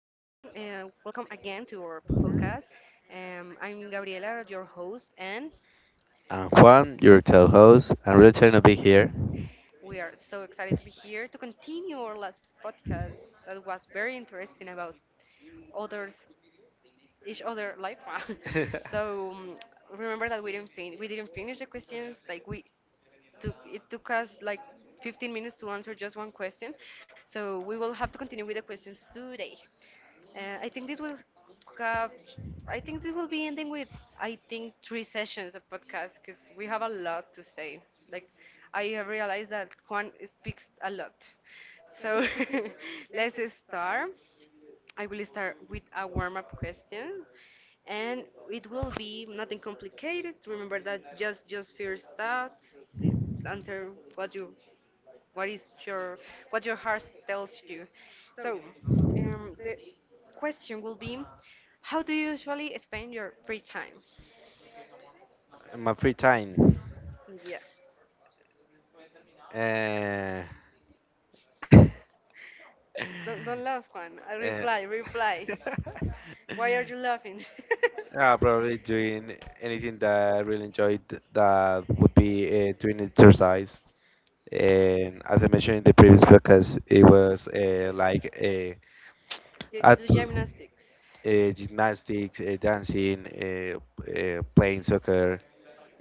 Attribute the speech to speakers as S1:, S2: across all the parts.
S1: welcome again to our podcast. I'm Gabriela, your host, and
S2: I'm Juan, your co-host. I'm really excited to be here.
S1: we are so excited to be here to continue our last podcast that was very interesting about others, each other life. So remember that we didn't finish the questions. Like we took us like 15 minutes to answer just one question. So we will have to continue with the questions today. Uh, I think this will have I think this will be ending with I think three sessions of podcast because we have a lot to say. Like I have realized that Juan speaks a lot. So let's start. I will start with a warm up question, and it will be nothing complicated. Remember that just first thoughts, the answer, what is your what your heart tells you. So, the question will be, how do you usually spend your free time?
S2: In my free time.
S1: Yeah.
S2: Uh,
S1: Don't laugh, Juan. I
S2: uh,
S1: reply. Why are you laughing?
S2: probably doing anything that I really enjoyed that would be doing exercise. And as I mentioned in the previous podcast, it was like
S1: Yeah, you
S2: at,
S1: do gymnastics.
S2: gymnastics, dancing, playing soccer,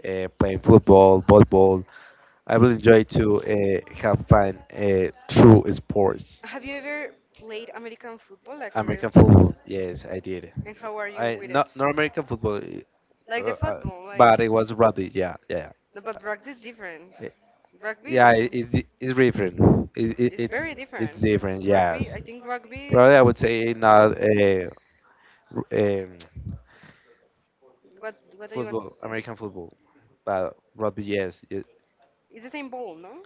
S2: playing football, volleyball. I will enjoy to have fun through sports.
S1: Have you ever played American football, like
S2: American football, yes, I did.
S1: and how are you
S2: I
S1: with it?
S2: not American football,
S1: Like
S2: uh,
S1: the
S2: uh,
S1: football, like,
S2: but it was rugby. Yeah, yeah,
S1: no, but rugby is different.
S2: yeah.
S1: Rugby is,
S2: Yeah, it's different. It, it,
S1: is
S2: it's
S1: very different
S2: it's
S1: because
S2: different.
S1: rugby, I
S2: Yes,
S1: think rugby,
S2: probably I would say not r- um,
S1: what do you want to?
S2: football, American football, but rugby. Yes,
S1: It's the same ball, no?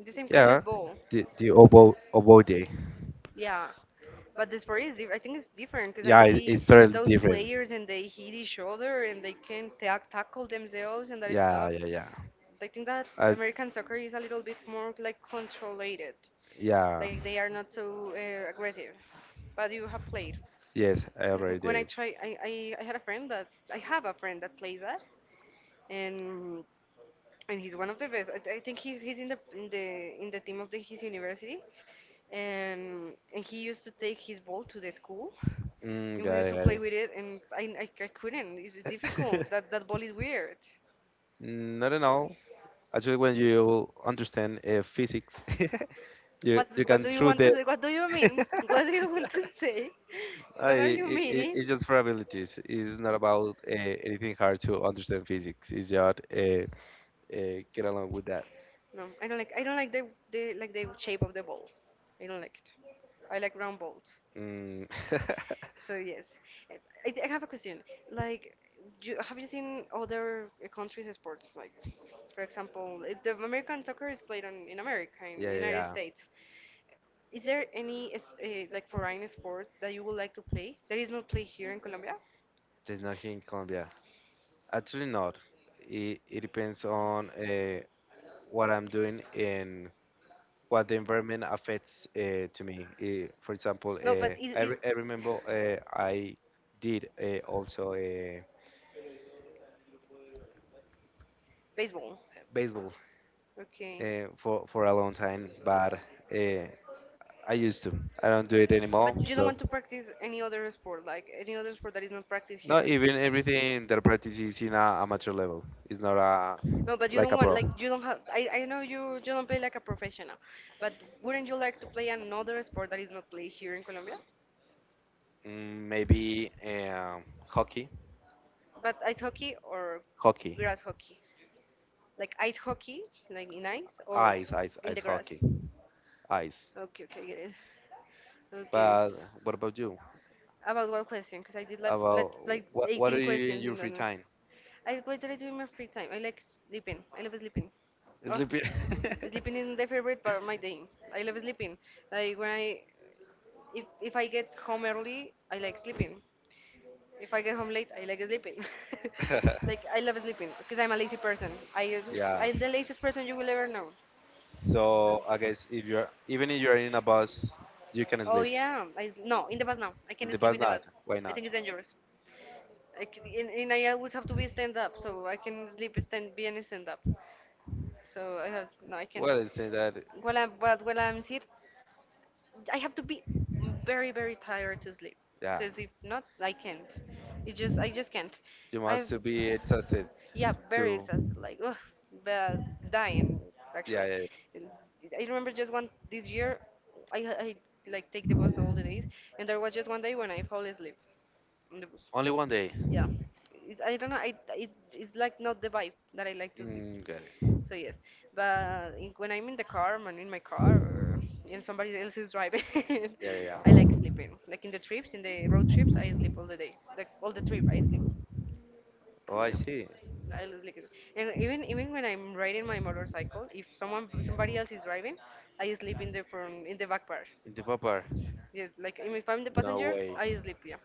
S1: The same kind
S2: yeah,
S1: of ball.
S2: the oboe day.
S1: Yeah, but the sport I think it's different, because
S2: Yeah, it's totally
S1: those
S2: different.
S1: players and they hit each other and they can ta tackle themselves and that
S2: Yeah,
S1: stuff.
S2: yeah, yeah.
S1: I think that
S2: I,
S1: American soccer is a little bit more like controlled.
S2: yeah.
S1: Like they are not so aggressive, but you have played,
S2: Yes, I
S1: because
S2: already
S1: when I
S2: did.
S1: try I have a friend that plays that, and and he's one of the best. I think he's in the team of his university, and he used to take his ball to the school,
S2: Mm,
S1: and we
S2: got
S1: used to play with
S2: it,
S1: it. And I couldn't. It's
S2: got it.
S1: difficult. That ball is weird.
S2: Not at all. Actually, when you understand physics, you
S1: What do
S2: can
S1: you
S2: through
S1: want to
S2: the
S1: say? What do you mean? What do you want to say?
S2: I,
S1: What are you
S2: it, it's
S1: meaning?
S2: just probabilities. It's not about anything hard to understand physics. It's just get along with that.
S1: No, I don't like. I don't like the like the shape of the ball. I don't like it. I like round balls.
S2: Mm.
S1: So yes, I, I have a question. Like, have you seen other countries' sports? Like, for example, it's the American soccer is played in America, in
S2: Yeah,
S1: the
S2: yeah,
S1: United
S2: yeah.
S1: States. Is there any like foreign sport that you would like to play that is not played here in Colombia?
S2: There's not here in Colombia. Actually, not. It depends on what I'm doing and what the environment affects to me. For example,
S1: No, but it, it
S2: I remember I did also
S1: baseball.
S2: baseball
S1: Okay.
S2: for a long time, but uh, I used to. I don't do it anymore.
S1: You don't want
S2: So
S1: to practice any other sport, like any other sport that is not practiced
S2: not
S1: here.
S2: even everything that I practice is in a amateur level. It's not a
S1: No, but you
S2: like
S1: don't
S2: a
S1: want
S2: pro.
S1: like you don't have. I know you don't play like a professional, but wouldn't you like to play another sport that is not played here in Colombia?
S2: Mm, maybe hockey,
S1: But ice hockey or
S2: hockey,
S1: grass hockey, like ice hockey, like in ice or
S2: ice, ice,
S1: in the
S2: ice
S1: grass.
S2: hockey, ice.
S1: Okay, okay, get it. Okay.
S2: But what about you?
S1: About one question, because I did like, like
S2: About
S1: like
S2: what? What
S1: 18
S2: do you do in
S1: questions
S2: your
S1: in that.
S2: free time?
S1: I What did I do in my free time? I like sleeping. I love sleeping. Oh,
S2: Sleeping.
S1: sleeping is the favorite part of my day. I love sleeping. Like if I get home early, I like sleeping. If I get home late, I like sleeping. Like I love sleeping because I'm a lazy person.
S2: yeah.
S1: I'm the laziest person you will ever know.
S2: So I guess if you're in a bus, you can
S1: Oh
S2: sleep.
S1: yeah, no, in the bus now. I can't
S2: The
S1: sleep
S2: bus
S1: in the bus.
S2: not. Why
S1: I think
S2: not?
S1: it's dangerous. I can, and I always have to be stand up, so I can sleep stand be and stand up. So I have no, I can't.
S2: Well, it's in that,
S1: While I'm, but while I'm sit, I have to be very, very tired to sleep,
S2: yeah.
S1: because if not, I can't. It just I just can't.
S2: You
S1: I've
S2: must to be exhausted
S1: Yeah, very
S2: to,
S1: exhausted, like ugh, but dying
S2: yeah,
S1: actually.
S2: yeah, yeah.
S1: And I remember just one this year, I like take the bus all the days, and there was just one day when I fall asleep on the bus.
S2: Only one day.
S1: Yeah, I don't know. I it it's like not the vibe that I like to sleep.
S2: Mm, got it.
S1: So yes, but when I'm in the car, I'm in my car, and somebody else is driving,
S2: Yeah, yeah,
S1: I
S2: yeah.
S1: like sleeping. Like in the road trips, I sleep all the day, like all the trip.
S2: Oh, I see.
S1: I lose liquid. And even when I'm riding my motorcycle, if someone somebody else is driving, I sleep in the back part.
S2: In the popper.
S1: Yes, like even if I'm the
S2: No
S1: passenger,
S2: way.
S1: I sleep. Yeah.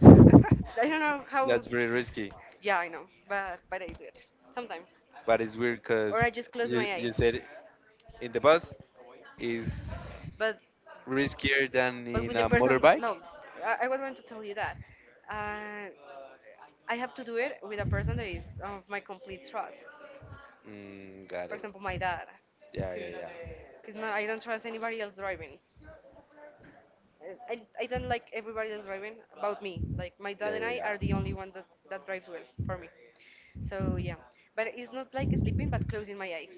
S1: I don't know how.
S2: That's very risky.
S1: Yeah, I know, but I do it sometimes,
S2: But it's weird
S1: or
S2: because
S1: I just close
S2: you
S1: my
S2: you
S1: eyes.
S2: said in the bus is
S1: But
S2: riskier than
S1: but
S2: in
S1: with
S2: a
S1: the person,
S2: motorbike.
S1: no, I was going to tell you that. Uh, I have to do it with a person that is of my complete trust.
S2: Mm, got
S1: For
S2: it.
S1: example, my dad,
S2: Yeah, yeah, yeah.
S1: because now I don't trust anybody else driving. I don't like everybody else driving about me. Like my dad and
S2: Yeah,
S1: I
S2: yeah,
S1: are the only one
S2: yeah.
S1: that drives well for me. So yeah, but it's not like sleeping, but closing my eyes.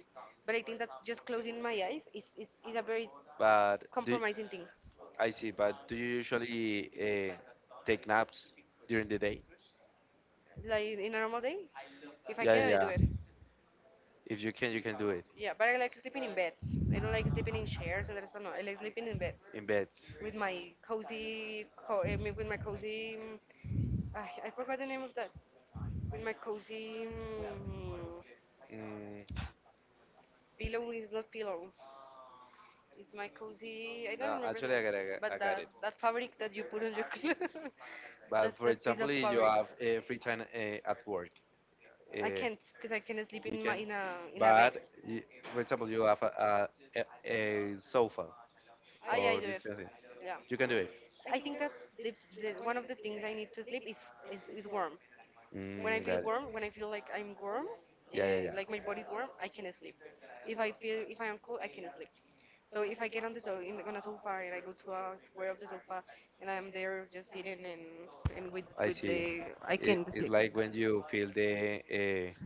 S1: But I think that just closing my eyes is a very
S2: But do
S1: compromising thing.
S2: I see, but do you usually take naps during the day?
S1: Like in a normal day, if I
S2: Yeah, yeah,
S1: can, I do
S2: yeah.
S1: it.
S2: If you can, you can do it
S1: Yeah, but I like sleeping in beds. I don't like sleeping in chairs and there's no. I like sleeping in beds
S2: in beds.
S1: with my cozy, I mean, with my cozy I, forgot the name of that. With my cozy
S2: Mm,
S1: pillow is not pillow. It's my cozy. I don't
S2: no,
S1: remember the
S2: actually, I got, I
S1: name.
S2: got I
S1: But
S2: got
S1: that
S2: it.
S1: that fabric that you put on your clothes, that
S2: But for
S1: that piece of
S2: example, if you
S1: fabric.
S2: have free time at work,
S1: I
S2: Uh,
S1: can't because I can not sleep
S2: you
S1: in my
S2: can,
S1: in a bed.
S2: but y- for example, you have a sofa
S1: Ah, yeah, I do
S2: or
S1: it.
S2: this kind of thing.
S1: Yeah,
S2: You can do it.
S1: I think that the, the one of the things I need to sleep is is warm. When I
S2: Mm,
S1: feel
S2: got it.
S1: warm, when I feel
S2: Like,
S1: like I'm warm, uh,
S2: yeah, yeah,
S1: like
S2: yeah.
S1: my body's warm,
S2: I
S1: I can sleep. If I am cold, I can sleep. So if I get on the so in, on a sofa and I go to a square of the sofa and I'm there just sitting, and with
S2: see.
S1: the I
S2: It,
S1: can
S2: it's
S1: sleep.
S2: like when you feel the uh,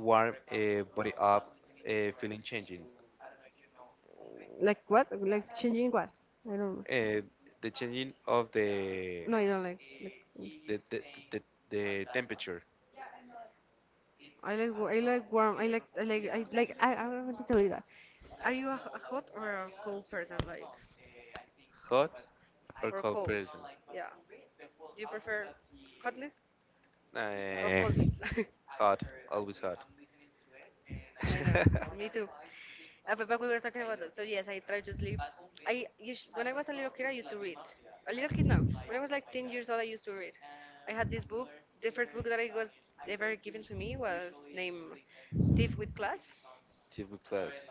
S2: warm body up, feeling changing.
S1: Like what? Like changing what? I don't.
S2: Uh, the changing of
S1: No, I don't like. Like
S2: the, the, the the temperature,
S1: I like warm. I like I like I like I wanted to tell you that. Are you a hot or a cold person? Like
S2: hot or
S1: or
S2: cold
S1: cold?
S2: person.
S1: Yeah. Do you prefer hotness or
S2: Uh,
S1: coldness?
S2: Hard, always hard.
S1: I know. Me too. But back we were talking about that. So yes, I try to sleep. When I was a little kid, I used to read. A little kid now. When I was like 10 years old, I used to read. I had this book. The first book that I was ever given to me was named With Class.
S2: Typical class.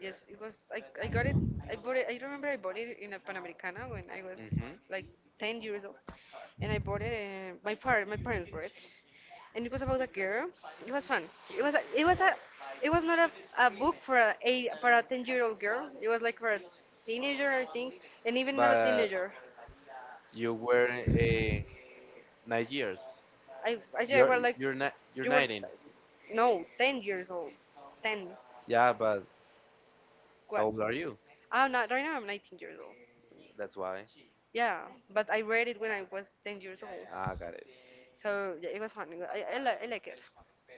S1: Yes, it was. I got it. I bought it. I remember I bought it in a Panamericana when I was
S2: Hmm.
S1: like 10 years old. And I bought it. My parents bought it, and it was about a girl. It was fun. It was a, it was a it was not a book for a 10-year old girl. It was like for a teenager, I think, and even not a
S2: But
S1: teenager.
S2: you were a 9 years.
S1: I
S2: You're
S1: was like
S2: you're not you're
S1: you were
S2: 19.
S1: no 10 years old, ten
S2: Yeah, but
S1: what?
S2: how old are you?
S1: I'm not right now. I'm 19 years old.
S2: That's why.
S1: Yeah, but I read it when I was 10 years old.
S2: Ah, got it.
S1: So yeah, it was fun. It wa- I, li- I like it.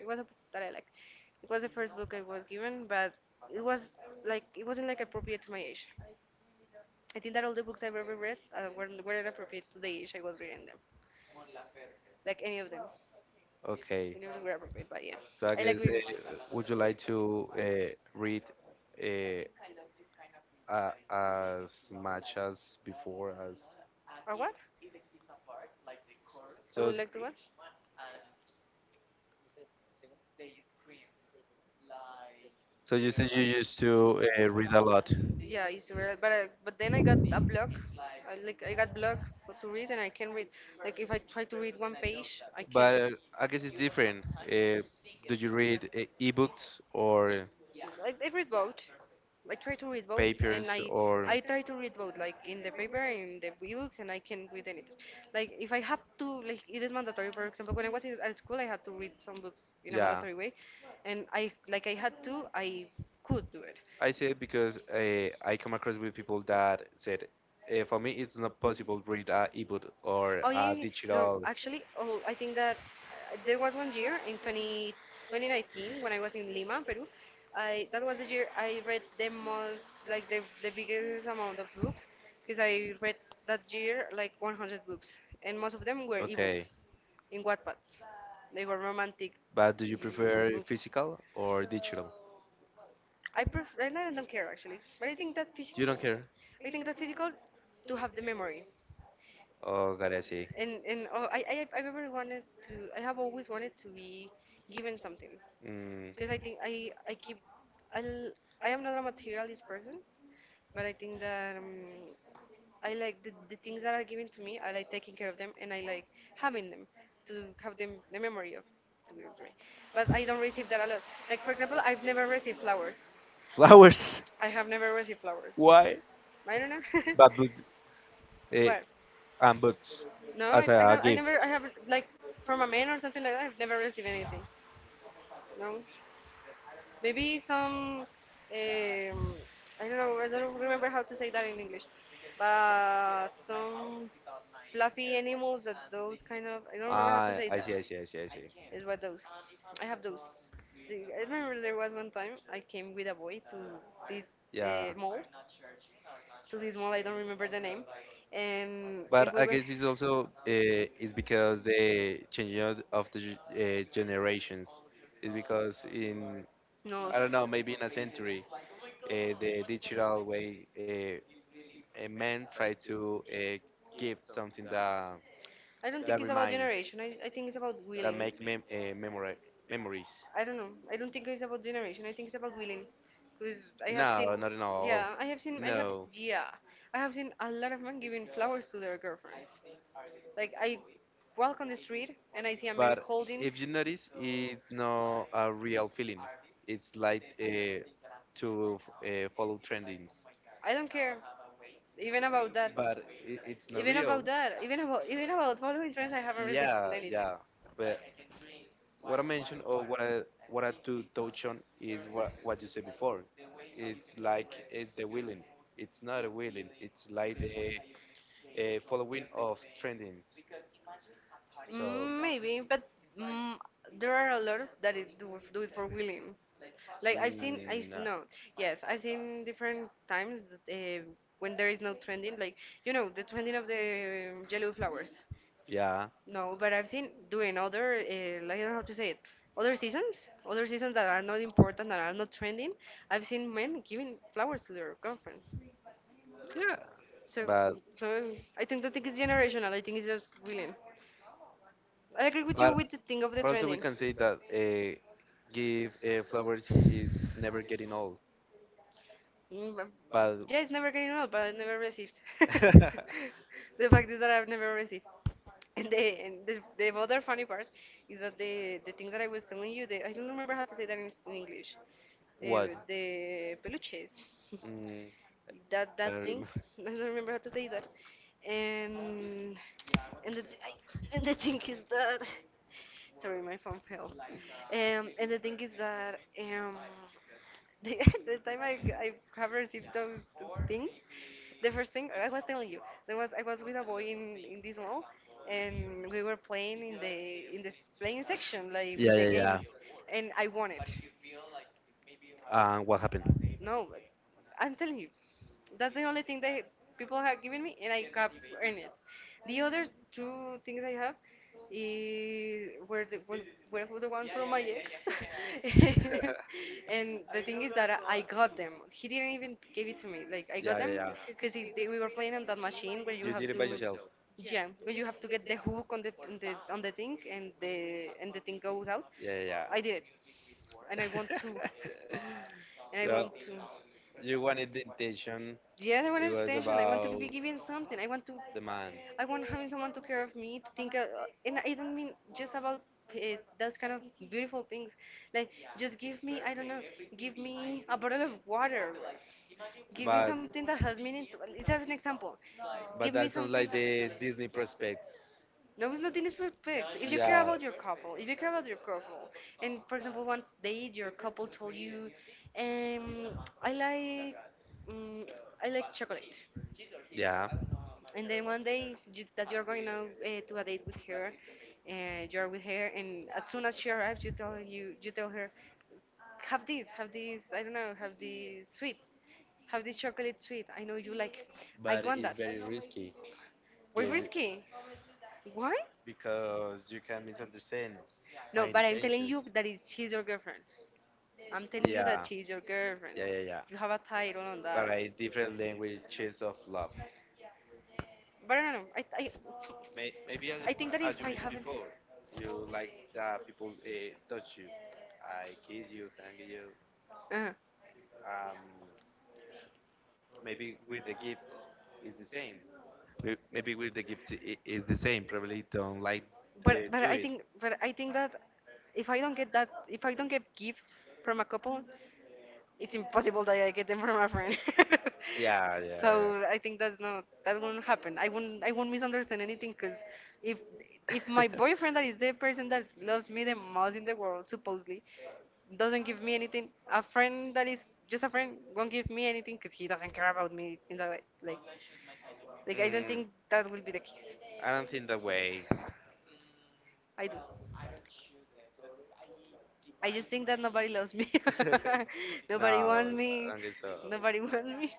S1: It was a book that I liked. It was the first book I was given, but it was it wasn't like appropriate to my age. I think that all the books I've ever read weren't appropriate to the age I was reading them. Like
S2: Okay.
S1: any of them were appropriate. But yeah,
S2: So I
S1: I like
S2: guess,
S1: reading.
S2: would you like to read as much as before as?
S1: Or what? I
S2: So,
S1: would like to what?
S2: so, you said you used to read a lot,
S1: Yeah, I used to read, but then I got a block. I, like, I got blocked for to read, and I can't read. Like if I try to read one page, I can't.
S2: but I guess it's different. Do you read ebooks or
S1: Like I read both. I try to read both, and
S2: papers
S1: I
S2: or?
S1: I try to read both, like in the paper and the books, and I can read anything. Like if I have to, like it is mandatory. For example, when I was at school, I had to read some books in a
S2: Yeah.
S1: mandatory way, and I had to, I could do it.
S2: I say it because I come across with people that said, for me, it's not possible to read a ebook or
S1: Oh, yeah,
S2: a
S1: yeah. no,
S2: digital.
S1: actually, oh, I think that there was one year in 2019 when I was in Lima, Peru. I That was the year I read the most, like the biggest amount of books, because I read that year like 100 books, and most of them were
S2: Okay,
S1: ebooks in Wattpad. They were romantic.
S2: but do you prefer physical or digital?
S1: I don't care actually, but I think that's
S2: You don't
S1: physical.
S2: care?
S1: I think that's physical to have the memory.
S2: Oh, God, I see.
S1: And oh, I I've ever wanted to I have always wanted to be given something,
S2: Mm.
S1: because I think I keep I l- I am not a materialist person, but I think that I like the things that are given to me. I like taking care of them, and I like having them to have them the memory of to give to me. But I don't receive that a lot. Like for example, I've never received flowers.
S2: Flowers?
S1: I have never received flowers.
S2: Why?
S1: I don't know.
S2: But boots, uh,
S1: What?
S2: and boots
S1: No,
S2: as
S1: I
S2: a
S1: have. I
S2: gift.
S1: never. I haven't, like, from a man or something like that. I've never received anything. No, maybe some. Um, I don't know. I don't remember how to say that in English, but some fluffy animals, that those kind of. I don't remember how to
S2: Ah,
S1: say
S2: I
S1: that.
S2: see, I see, I see, I see.
S1: Is what those. I have those. I remember there was one time I came with a boy to this
S2: Yeah.
S1: mall. To this mall, I don't remember the name, and
S2: But I
S1: we went.
S2: guess it's also it's because the changing of the generations. It's because in,
S1: No,
S2: I don't know, maybe in a century, the digital way, a man try to give something that
S1: I don't think it's about
S2: remind,
S1: generation. I think it's about
S2: that
S1: willing.
S2: make mem- memory memories.
S1: I don't know. I don't think it's about generation. I think it's about willing, because I have seen,
S2: No, not at all.
S1: yeah, I have seen,
S2: No.
S1: yeah, I have seen a lot of men giving flowers to their girlfriends. Like I walk on the street and I see a man
S2: But
S1: holding.
S2: if you notice, it's not a real feeling, it's like to follow trendings,
S1: I don't care, even about that,
S2: but it's not
S1: even about
S2: real.
S1: that, even about following trends. I haven't received
S2: Yeah,
S1: anything.
S2: yeah, but what I mentioned, or what I to touch on is what you said before. It's like it's the willing. It's not a willing. It's like the following of trendings. So,
S1: Mm, maybe, but mm, there are a lot of that it do, do it for willing. Like I've seen, I've
S2: mm, no.
S1: no, yes, I've seen different times that, when there is no trending, like you know the trending of the yellow flowers.
S2: Yeah,
S1: No, but I've seen during other, like, I don't know how to say it, other seasons that are not important, that are not trending. I've seen men giving flowers to their girlfriend.
S2: yeah,
S1: So,
S2: but
S1: so I think that think it's generational. I think it's just willing. I agree with you
S2: but
S1: with the thing of the
S2: but also we
S1: trending.
S2: can say that give flowers is never getting old.
S1: Mm, but—
S2: But,
S1: Yeah, it's never getting old, but I never received. The fact is that I've never received. And the other funny part is that the thing that I was telling you, the, I don't remember how to say that in English.
S2: what?
S1: The peluches,
S2: Mm,
S1: that
S2: I
S1: that
S2: don't
S1: thing.
S2: remember.
S1: I don't remember how to say that. And and and the thing is that— Sorry, my phone fell. And the thing is that the, the time I have received those things, the first thing I was telling you, there was I was with a boy in this mall, and we were playing in the playing section, like with
S2: Yeah,
S1: the
S2: yeah,
S1: games,
S2: yeah.
S1: and I won it.
S2: What happened?
S1: No, but I'm telling you, that's the only thing that people have given me, and I have earned it. The other two things I have is were for the one from my ex, and the thing is that I got them. He didn't even give it to me. Like I got
S2: Yeah, yeah,
S1: them
S2: yeah.
S1: because we were playing on that machine where you
S2: You
S1: have
S2: did it
S1: to.
S2: by yourself.
S1: Yeah, when you have to get the hook on the on the thing, and the thing goes out.
S2: Yeah, yeah,
S1: I did it, and I want to, and I
S2: so
S1: want to.
S2: you wanted the intention.
S1: Yes, I want
S2: It was the,
S1: attention. I want to
S2: about
S1: be given something.
S2: the man, to
S1: I
S2: give,
S1: want having someone to care of me, to think. And I don't mean just about those kind of beautiful things. Like just give me, I don't know, give me a bottle of water. Give me
S2: but
S1: something that has meaning. To, let's have an example.
S2: but
S1: Give me
S2: that sounds
S1: something.
S2: like the Disney prospects.
S1: No, nothing is perfect. If you care
S2: Yeah,
S1: about your couple, If you care about your couple, and for example, one day your couple told you, um, I like, mm, I like chocolate,
S2: yeah, the yeah.
S1: and then one day that you're going out to a date with her, and you're with her, and as soon as she arrives, you tell her, have this, I don't know, have this sweet, have this chocolate sweet. I know you like it. I
S2: But
S1: want
S2: it's
S1: that.
S2: very risky.
S1: We're
S2: Gave it-
S1: risky. Why?
S2: because you can misunderstand
S1: No,
S2: my. No,
S1: but
S2: I'm
S1: I'm telling
S2: intentions.
S1: you that it's, she's your girlfriend. I'm telling
S2: You,
S1: you that
S2: yeah,
S1: she's your girlfriend.
S2: yeah, yeah, yeah.
S1: You have a title on that.
S2: But I different languages of love.
S1: But I don't know.
S2: Maybe as, I
S1: I
S2: think
S1: think
S2: that
S1: that
S2: is
S1: if
S2: as you
S1: I
S2: mentioned
S1: haven't.
S2: before, you like that people touch you, I kiss you, hug you.
S1: Uh,
S2: Um, maybe with the gifts is the same. Maybe with the gifts is the same. Probably don't like do it.
S1: but I think that if I don't get gifts from a couple, it's impossible that I get them from a friend.
S2: Yeah, yeah, yeah.
S1: So I think that's not that won't happen. I won't misunderstand anything, because if my boyfriend, that is the person that loves me the most in the world supposedly, doesn't give me anything, a friend that is just a friend won't give me anything, because he doesn't care about me in that way. Like I don't
S2: Mm,
S1: think that will be the case.
S2: I don't think that way.
S1: I do. I just think that nobody loves me.
S2: No,
S1: Nobody wants
S2: I
S1: me.
S2: don't think so.
S1: Nobody wants me.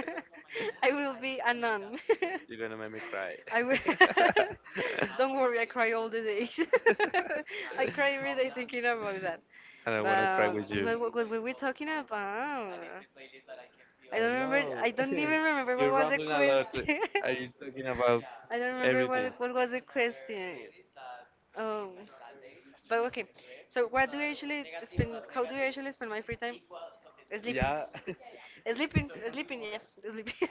S1: I will be a nun.
S2: You're gonna make me cry.
S1: I will. Don't worry, I cry all the days. I cry every day thinking about that.
S2: and I want to try with
S1: But like,
S2: you.
S1: what were we talking about?
S2: I
S1: I don't
S2: don't
S1: remember.
S2: know.
S1: I don't even remember
S2: You're
S1: what was the
S2: rambling a lot.
S1: question.
S2: Are you talking about
S1: I don't remember
S2: everything?
S1: what was the question. Oh, but okay. So what do I usually spend? How do I usually spend my free time? Sleeping.
S2: Yeah,
S1: Sleeping. Sleeping. Yeah, sleeping.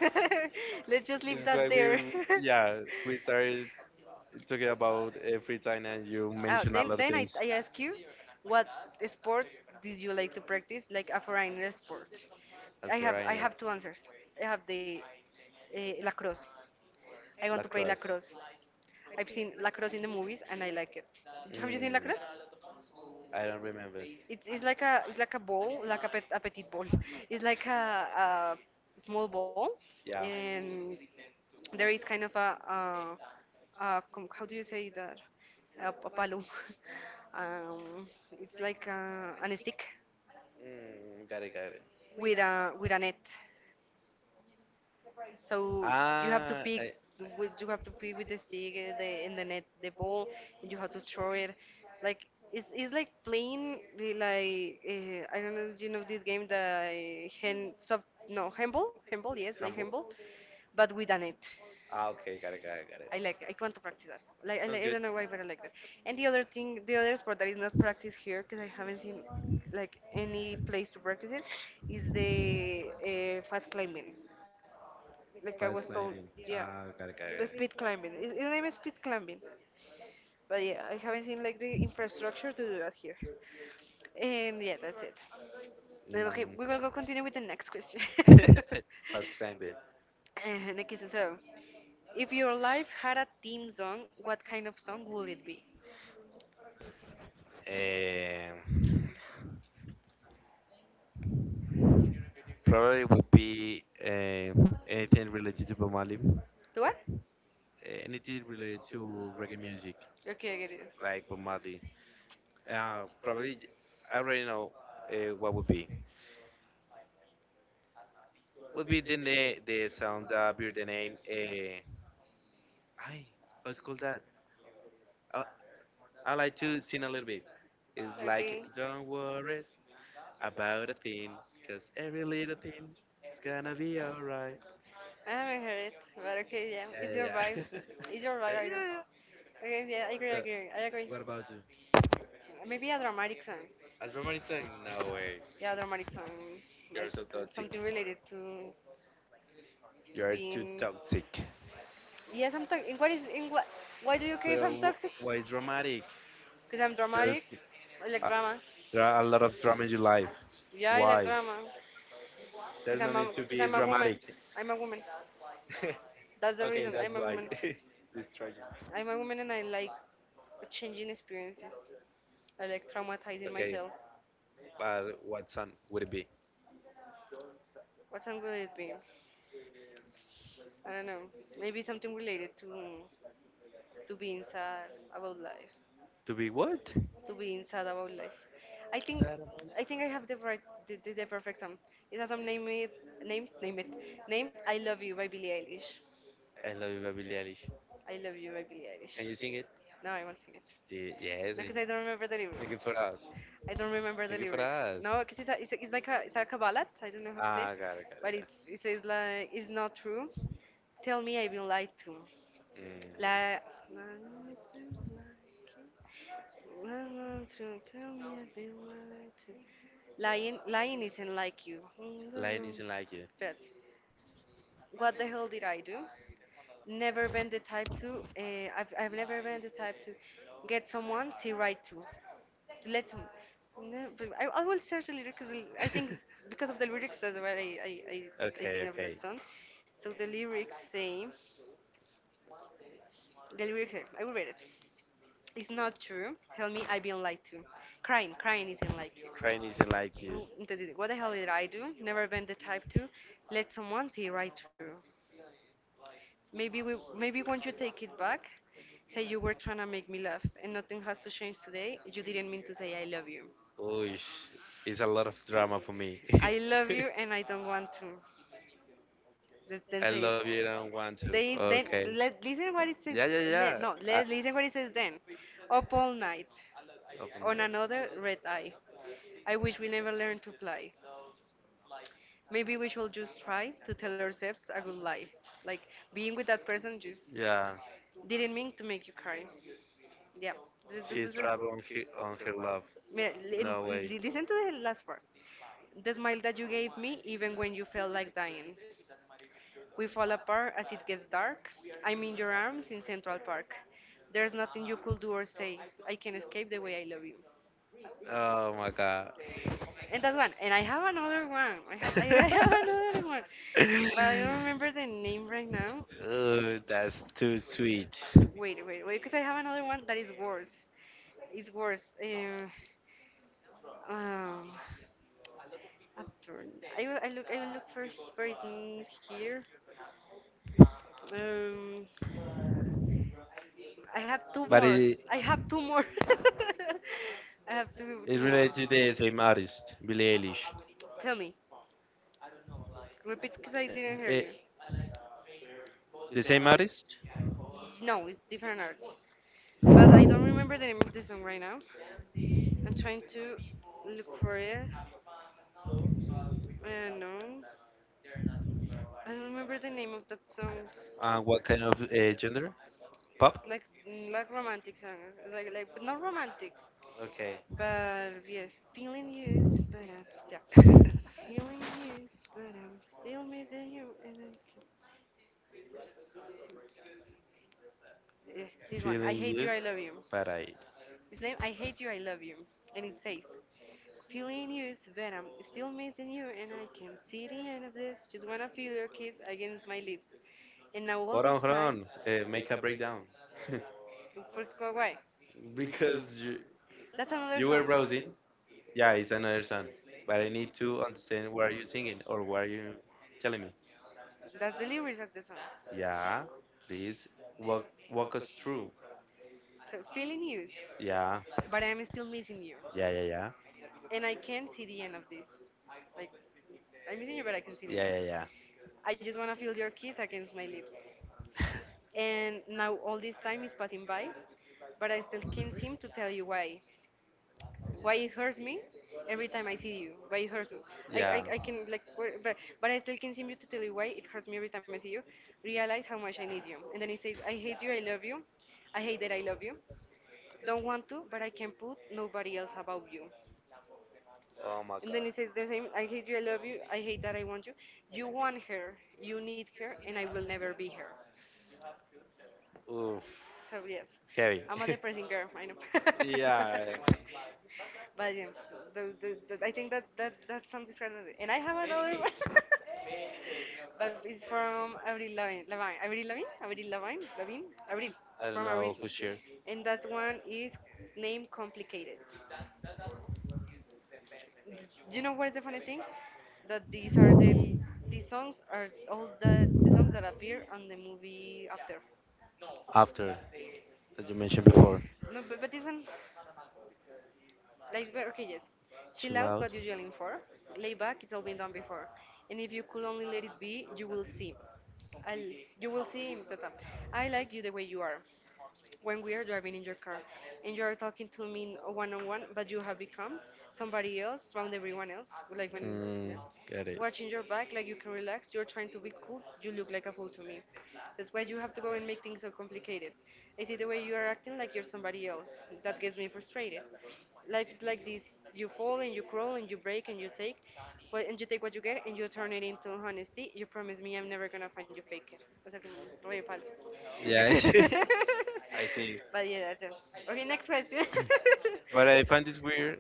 S1: Let's just leave
S2: it's quite
S1: that
S2: weird.
S1: there.
S2: Yeah, we started talking about free time and you mentioned a lot of
S1: Then
S2: things.
S1: I ask you, what sport did you like to practice, like a foreigner sport? I
S2: Alfarani,
S1: have two answers. I have the lacrosse. I want to play
S2: lacrosse.
S1: lacrosse. I've seen lacrosse in the movies and I like it. Have you seen
S2: Mm,
S1: lacrosse?
S2: I don't remember.
S1: It's like a— it's like a ball, like a, pet, a petite ball. It's like a small ball,
S2: Yeah.
S1: and there is kind of a how do you say that? A palo. um, it's like a an stick
S2: Mm, got it, got it.
S1: with a net. So you have to— Ah,
S2: Ah,
S1: pick—
S2: I, I,
S1: okay, with you have to pick with the stick the— in the net the ball, and you have to throw it. Like it's like playing the like I don't know, do you know this game, the eh, hand sub no handball, handball, yes, like
S2: humble.
S1: handball, but with a net.
S2: Ah, okay, got it, got it, got it.
S1: I want to practice that. I—
S2: Sounds
S1: Okay.
S2: good.
S1: —don't know why, but I like that. And the other thing, the other sport that is not practiced here, because I haven't seen like any place to practice it, is the fast climbing. Like I was
S2: Fast
S1: told,
S2: climbing.
S1: yeah,
S2: Ah, got it, got
S1: the
S2: it.
S1: speed climbing. It's named speed climbing, but yeah, I haven't seen like the infrastructure to do that here. And yeah, that's it.
S2: It,
S1: Okay, we will go continue with the next question.
S2: got it. Mm. Fast climbing.
S1: Next question. So, if your life had a theme song, what kind of song would it be?
S2: Um, Probably would be anything related to Bob Marley.
S1: The what?
S2: Anything related to reggae music,
S1: Okay, I get it.
S2: like Bob Marley. Probably, I already know what would be. The sound, beer, the name, I how's it called that, uh, I like to sing a little bit. It's like,
S1: Okay.
S2: don't worry about a thing, 'cause every little thing is gonna be alright.
S1: I haven't heard it, but okay, yeah,
S2: Yeah,
S1: it's
S2: yeah,
S1: your
S2: yeah.
S1: vibe.
S2: Yeah,
S1: It's your vibe, I
S2: yeah,
S1: know.
S2: yeah.
S1: Okay, yeah, I agree, I
S2: So,
S1: agree, I agree.
S2: what about you?
S1: Maybe a dramatic song.
S2: As Romani saying, no way,
S1: Yeah, a dramatic song,
S2: you're
S1: like
S2: so toxic,
S1: something related to
S2: you're too
S1: being.
S2: toxic.
S1: Yes, I'm toxic. What is in what? Why do you care
S2: But
S1: if I'm toxic?
S2: why dramatic?
S1: Because I'm
S2: there's
S1: dramatic. I like
S2: uh,
S1: drama.
S2: there are a lot of drama in your life.
S1: Yeah, I like
S2: Why?
S1: drama.
S2: There's no need to
S1: Because
S2: be
S1: I'm a woman.
S2: dramatic.
S1: I'm a woman. That's the
S2: Okay,
S1: reason.
S2: that's
S1: I'm a
S2: why.
S1: woman.
S2: This Trojan.
S1: I'm a woman, and I like changing experiences. I like traumatizing
S2: Okay,
S1: myself.
S2: but what song would it be?
S1: What song would it be? I don't know. Maybe something related to being sad about life.
S2: To be what?
S1: To being sad about life. I think
S2: Sad about.
S1: I think I have the right the perfect song. It has some name it name name it named I Love You by Billie Eilish.
S2: I love you, by Billie Eilish.
S1: I Love You by Billie Eilish.
S2: Can you sing it?
S1: No, I won't sing it.
S2: See, yes,
S1: No,
S2: and
S1: because I don't remember the
S2: sing
S1: lyrics.
S2: it for us.
S1: I don't remember
S2: Sing
S1: the
S2: it for
S1: lyrics.
S2: us.
S1: No, because it's, a- it's, a- It's like a— it's like a ballad. I don't know how to say it,
S2: Ah, got it,
S1: it.
S2: got it,
S1: But
S2: got it.
S1: it says like it's not true. Tell me I've been lied to.
S2: Mm.
S1: Like, like it seems like run on through, tell me I've been lying to. Lying, lying isn't like you.
S2: Lion isn't like you.
S1: But what the hell did I do? Never been the type to. I've never been the type to get someone see right to. To let some. No, but I will search the lyrics because I think because of the lyrics that's why I think
S2: Okay,
S1: of that
S2: okay.
S1: song. So the lyrics say I will read it. It's not true. Tell me I've been lied to. Crying, crying isn't like you.
S2: Crying isn't like you.
S1: Mm, What the hell did I do? Never been the type to let someone see right through. Maybe when you take it back, say you were trying to make me laugh, and nothing has to change today. You didn't mean to say I love you.
S2: Oosh, it's a lot of drama for me.
S1: I love you, and I don't want to. Then
S2: I
S1: say
S2: love you. I don't want to.
S1: they then
S2: Okay.
S1: let listen what it says.
S2: Yeah, yeah,
S1: Let
S2: yeah.
S1: no let
S2: I,
S1: listen what it says then. Up all night,
S2: open
S1: on
S2: that.
S1: another red eye. I wish we never learned to fly. Maybe we should just try to tell ourselves a good lie. Like being with that person just
S2: Yeah.
S1: didn't mean to make you cry. Yeah. Th- th-
S2: She's
S1: th-
S2: trapped on
S1: th-
S2: her love.
S1: Mira,
S2: No way.
S1: listen to the last part. The smile that you gave me, even when you felt like dying. We fall apart as it gets dark. I'm in your arms in Central Park. There's nothing you could do or say. I can escape the way I love you.
S2: Oh my god.
S1: And that's one. And I have another one. I have another one. But I don't remember the name right now.
S2: Oh, that's too sweet.
S1: Wait, wait, wait, because I have another one that is worse. It's worse. Um after I will look for for it in here. Um I have two
S2: But
S1: more.
S2: it
S1: I have two more. I have two
S2: it
S1: more.
S2: related to the same artist, Billie Eilish.
S1: Tell me. Repeat because I didn't hear
S2: Eh, eh,
S1: you.
S2: the same artist?
S1: No, it's different artists. But I don't remember the name of the song right now. I'm trying to look for it. I don't know. I don't remember the name of that song.
S2: What kind of gender? Pop?
S1: It's like like romantic song, but not romantic,
S2: Okay.
S1: but yes, feeling used, is- but yeah, feeling used, but I'm still missing you, and I can. Yes, this one, I
S2: Feeling
S1: hate
S2: you.
S1: you, I love you.
S2: But I
S1: His name, I hate you, I love you, and it says, feeling used, but I'm still missing you, and I can see the end of this. Just wanna feel your kiss against my lips, and now all
S2: hold
S1: this
S2: on, hold
S1: time.
S2: on, make a breakdown.
S1: In Portugal why?
S2: Because you
S1: That's another
S2: you
S1: song.
S2: were browsing.
S1: song.
S2: Yeah, it's another song, but I need to understand what are you singing or what are you telling me.
S1: That's the lyrics of the song.
S2: Yeah, please, walk walk us through.
S1: So feeling used,
S2: Yeah,
S1: but I'm still missing you,
S2: yeah, yeah, yeah,
S1: and I can't see the end of this. Like I'm missing you, but I can see the end of
S2: yeah,
S1: this.
S2: yeah,
S1: Yeah, I just wanna feel your kiss against my lips.
S2: yeah.
S1: And now all this time is passing by, but I still can't seem to tell you why it hurts me every time I see you. Why it hurts me? I, I,
S2: Yeah.
S1: I can like, but I still continue to tell you why it hurts me every time I see you. Realize how much I need you, and then it says, I hate you, I love you, I hate that I love you. Don't want to, but I can put nobody else above you.
S2: Oh my
S1: And
S2: god.
S1: then it says the same, I hate you, I love you, I hate that I want you. You want her, you need her, and I will never be her.
S2: Oof.
S1: So yes,
S2: Heavy.
S1: I'm a depressing girl. I know.
S2: yeah.
S1: But yeah, I think that that song describes it. And I have another one. But it's from Avril Lavigne. Lavigne. Avril Lavigne? Avril Lavigne? Lavigne? Avril.
S2: I don't
S1: From Avril.
S2: know who's here.
S1: And that one is named Complicated. Th- Do you know what is the funny thing? That these songs are all the songs that appear on the movie after.
S2: After that you mentioned before.
S1: No, but this one. Like, okay, yes. Chill
S2: Chill
S1: out what
S2: out.
S1: you yelling for. Lay back, it's all been done before. And if you could only let it be, you will see. I'll, you will see, tata. I like you the way you are when we are driving in your car and you are talking to me one on one, but you have become somebody else from everyone else. Like when, yeah,
S2: Mm, got it.
S1: watching your back, like you can relax. You're trying to be cool. You look like a fool to me. That's why you have to go and make things so complicated. I see the way you are acting like you're somebody else. That gets me frustrated. Life is like this: you fall and you crawl and you break and you take, well, and you take what you get and you turn it into honesty. You promise me I'm never gonna find you fake it. O sea, como re falso.
S2: Yeah, I see. I see.
S1: But yeah, that's it. Okay, next question.
S2: But I find this weird.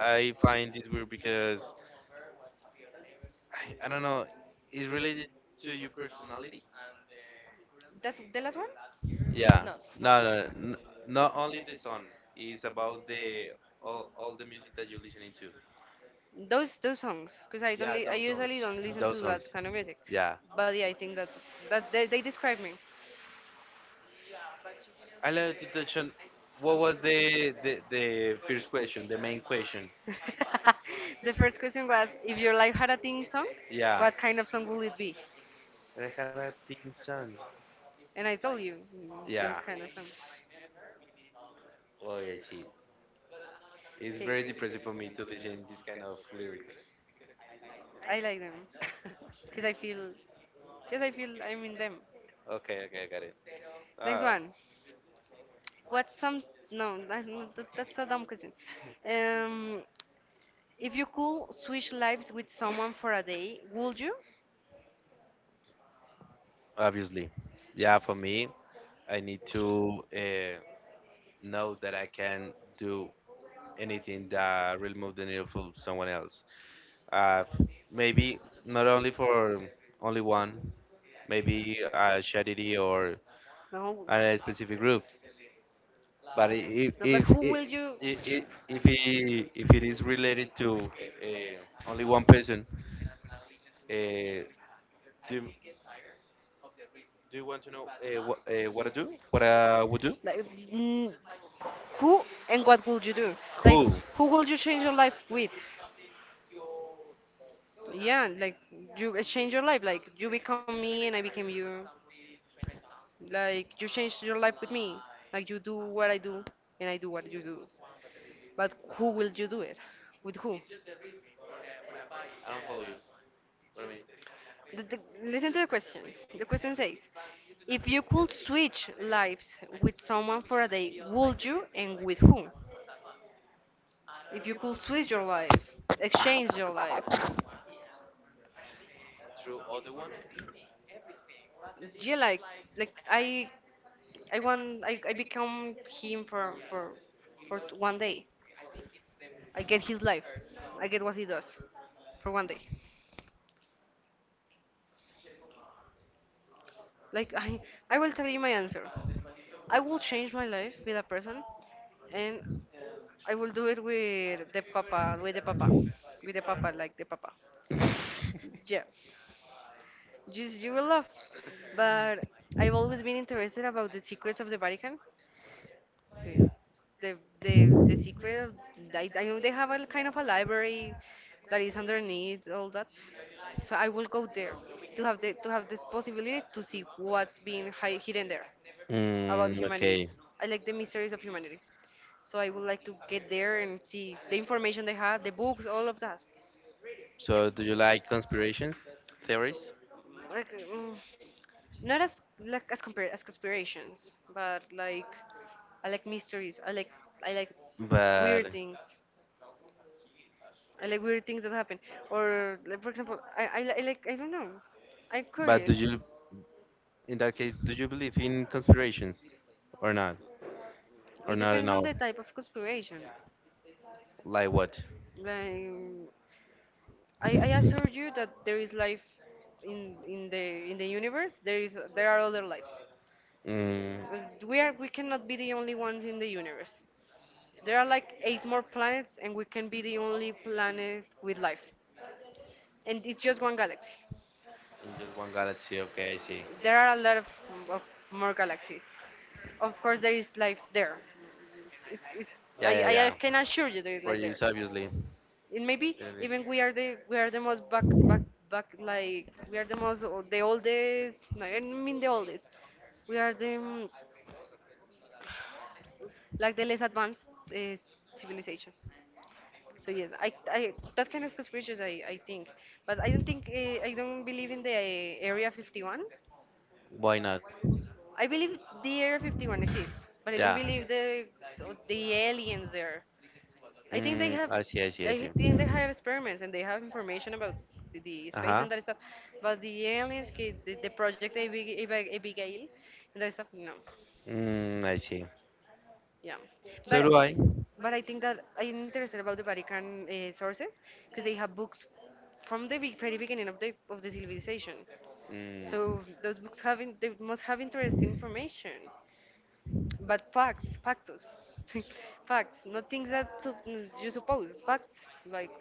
S2: I find this weird because I don't know. It's related to your personality.
S1: That the last one? It's
S2: Yeah.
S1: not, not.
S2: No, no, not only the song. It's about all the music that you're listening to.
S1: Those songs, because I don't,
S2: Yeah,
S1: I
S2: those
S1: usually
S2: songs.
S1: don't listen to
S2: Those
S1: songs,
S2: songs.
S1: that kind of music.
S2: Yeah.
S1: But yeah, I think that they describe me.
S2: I love to touch on what was the first question, the main question.
S1: The first question was, if your life had a theme song,
S2: Yeah.
S1: what kind of song would it be?
S2: Rejar Team Sun.
S1: And I told you those,
S2: Yeah.
S1: yeah, kind of songs.
S2: Oh yes, he. It's
S1: Okay,
S2: very depressing for me to listen this kind of lyrics.
S1: I like them because I feel, yes, I feel I'm in them.
S2: Okay, okay, I got it.
S1: Next
S2: Ah,
S1: one. What's some? No, that, no, that, that's a dumb question. Um, if you could switch lives with someone for a day, would you?
S2: obviously. Yeah, for me, I need to know that I can do anything that will move the needle for someone else. Maybe not only for only one, maybe charity or
S1: No,
S2: and a specific group. But
S1: no. But who will you?
S2: i- if it is related to uh, only one person,
S1: uh,
S2: uh, do you- do you want to know what I do? What I would do?
S1: Like, mm, who and what would you do? Like, ooh,
S2: Cool.
S1: who will you change your life with? Yeah, like you exchange your life. Like you become me and I became you. Like you change your life with me. Like you do what I do and I do what you do. But who will you do it? With who?
S2: I don't follow you. What I mean?
S1: The, the, listen to the question. The question says, if you could switch lives with someone for a day, would you and with who? If you could switch your life, exchange your life,
S2: Through other one?
S1: yeah, like I become him for 1 day. I get his life. I get what he does for 1 day. Like I will tell you my answer. I will change my life with a person, and I will do it with the papa, with the papa, with the papa, like the papa. Yeah, just you will love. But I've always been interested about the secrets of the Vatican, The the secret of, I know they have a kind of a library that is underneath all that. So I will go there to have the to have this possibility to see what's being hi hidden there about
S2: Mm, okay.
S1: humanity. I like the mysteries of humanity. So I would like to get there and see the information they have, the books, all of that.
S2: So do you like conspirations,
S1: There is.
S2: theories?
S1: Like, not as like as compared as conspirations, but like I like mysteries. I like But
S2: But
S1: weird things. I like weird things that happen. Or like, for example, I don't know. I'm but
S2: but
S1: curious.
S2: do
S1: Do you? It
S2: you in that case do you believe in conspirations or not?
S1: I
S2: Or
S1: don't,
S2: not in
S1: depends on know,
S2: all?
S1: the type of conspiration.
S2: Like what?
S1: Like I assure you that there is life in in the in the universe. There are other lives.
S2: Mm,
S1: Because we cannot be the only ones in the universe. There are like eight more planets, and we can be the only planet with life. And it's just one galaxy.
S2: in just one galaxy. Okay, I see.
S1: There are a lot of more galaxies. Of course, there is life there. It's, it's,
S2: Yeah, yeah,
S1: I, I
S2: yeah.
S1: can assure you there is
S2: For
S1: life
S2: you,
S1: there.
S2: it's obviously.
S1: And maybe
S2: Certainly.
S1: even we are the most back like we are the the oldest. No, I mean the oldest. We are the like the less advanced uh, civilization. So yes, I that kind of conspiracies I think, but I don't believe in the Area 51.
S2: Why not?
S1: I believe the Area 51 exists, but I don't
S2: Yeah.
S1: believe the aliens there. I think they
S2: Mm,
S1: have
S2: I see, I see, I
S1: I
S2: see.
S1: think they have experiments and they have information about the
S2: Uh
S1: space
S2: huh.
S1: and that stuff, but the aliens, the project Abigail, and that stuff, no.
S2: Mm, I see.
S1: Yeah, but
S2: So
S1: so do
S2: do
S1: I.
S2: I.
S1: But I think that I'm interested about the Vatican sources because they have books from the very beginning of the civilization. So
S2: Mm.
S1: those books they must have interesting information, but facts, factus, facts, not things that you suppose. Facts like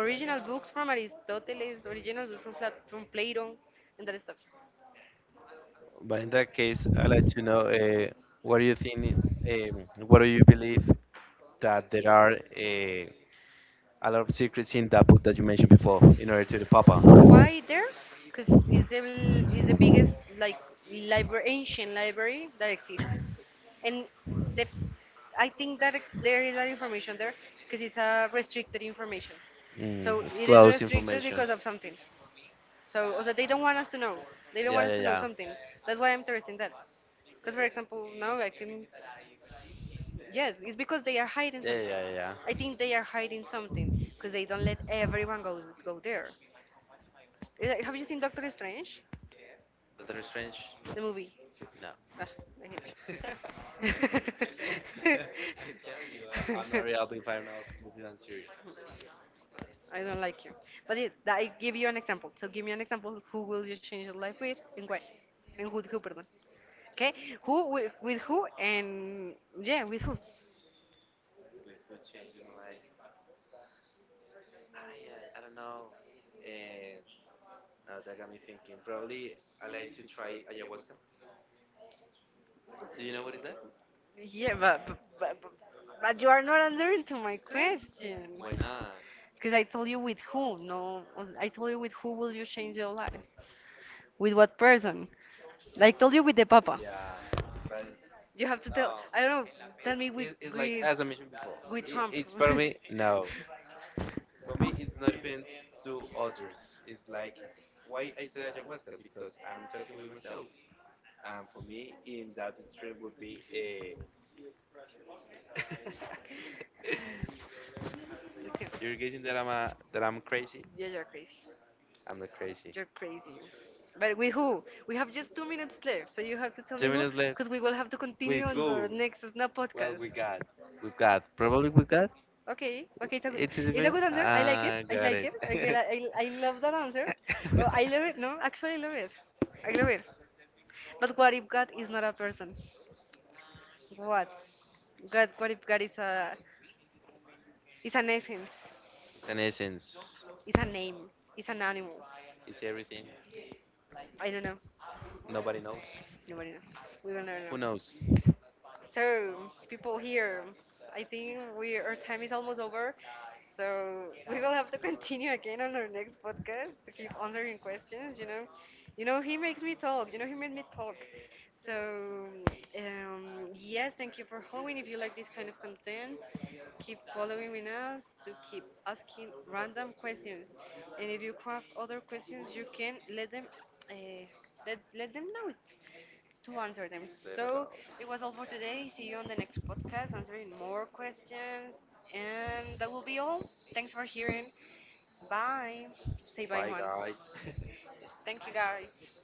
S1: original books from Aristoteles, original books from from Plato, and that stuff.
S2: But in that case, I'd like to know, what do you think, what do you believe that there are a lot of secrets in that book that you mentioned before in order to the Papa?
S1: Why there? Because it's the is the biggest like library ancient library that exists, and the I think that it- there is that information there because it's a restricted information.
S2: Mm,
S1: So
S2: it's
S1: it is
S2: close
S1: restricted
S2: information.
S1: because of something. So, o sea, they don't want us to know. They don't
S2: Yeah,
S1: want us
S2: yeah,
S1: to know something.
S2: yeah.
S1: That's why I'm interested in that. Because, for example, now I can. Yes, it's because they are hiding
S2: Yeah,
S1: something.
S2: yeah,
S1: I think
S2: yeah.
S1: they are hiding something because they don't let everyone go there. Have you seen Doctor Strange,
S2: Doctor Strange?
S1: the movie?
S2: No.
S1: Ah, I hate you.
S2: I'm a real big fan of movies and series.
S1: I don't like you. But it, that, I give you an example. So give me an example. Who will you change your life with and why? And who, pardon. Okay? Who, with who, and yeah, with who?
S2: With could change in like, I don't know. And now that got me thinking. Probably I like to try ayahuasca. Do you know what is that?
S1: Yeah, but you are not answering to my question.
S2: Why not?
S1: Because I told you with who, no. I told you with who will you change your life? With what person? Like told you with the papa. You
S2: Yeah,
S1: have
S2: but
S1: to
S2: no.
S1: tell. I don't know.
S2: Tell
S1: Tell
S2: me,
S1: me
S2: It,
S1: with
S2: it's like, which
S1: with
S2: as I mentioned before, it,
S1: with Trump.
S2: it's for me, no. For me, it's not depends to others. It's like, why I say ayahuasca because I'm talking with myself. And for me, in that extreme would be a.
S1: We
S2: You're
S1: can.
S2: guessing that that I'm crazy.
S1: Yeah, you're crazy.
S2: I'm not crazy.
S1: You're crazy. But with who? We have just 2 minutes left, so you have to tell
S2: Two
S1: me. Two who,
S2: minutes left.
S1: because we will have to With continue
S2: With
S1: on our
S2: who?
S1: next Snap. Well,
S2: Well,
S1: podcast.
S2: we got. We got. Probably we got.
S1: Okay, okay,
S2: It's
S1: it's a
S2: even.
S1: good answer. I like it.
S2: Ah,
S1: I
S2: got
S1: like
S2: it.
S1: it. I, it. I love that answer. Oh, I love it. No, actually, I love it. I love it. But what if God is not a person? What? God, what if God is a is an essence,
S2: It's an essence.
S1: is a name, is an animal?
S2: Is everything?
S1: I don't know.
S2: Nobody knows.
S1: Nobody knows. We will never
S2: Who
S1: know.
S2: knows?
S1: So, people here, I think we our time is almost over. So we will have to continue again on our next podcast to keep answering questions. You know he makes me talk. You know he made me talk. So um, yes, thank you for following. If you like this kind of content, keep following with us to keep asking random questions. And if you have other questions, you can uh, let them know it to answer them.
S2: Little
S1: So
S2: knows.
S1: it was all for today. See you on the next podcast answering more questions. And that will be all. Thanks for hearing. Bye. Say bye,
S2: Bye,
S1: Juan.
S2: guys.
S1: Yes, thank you, guys.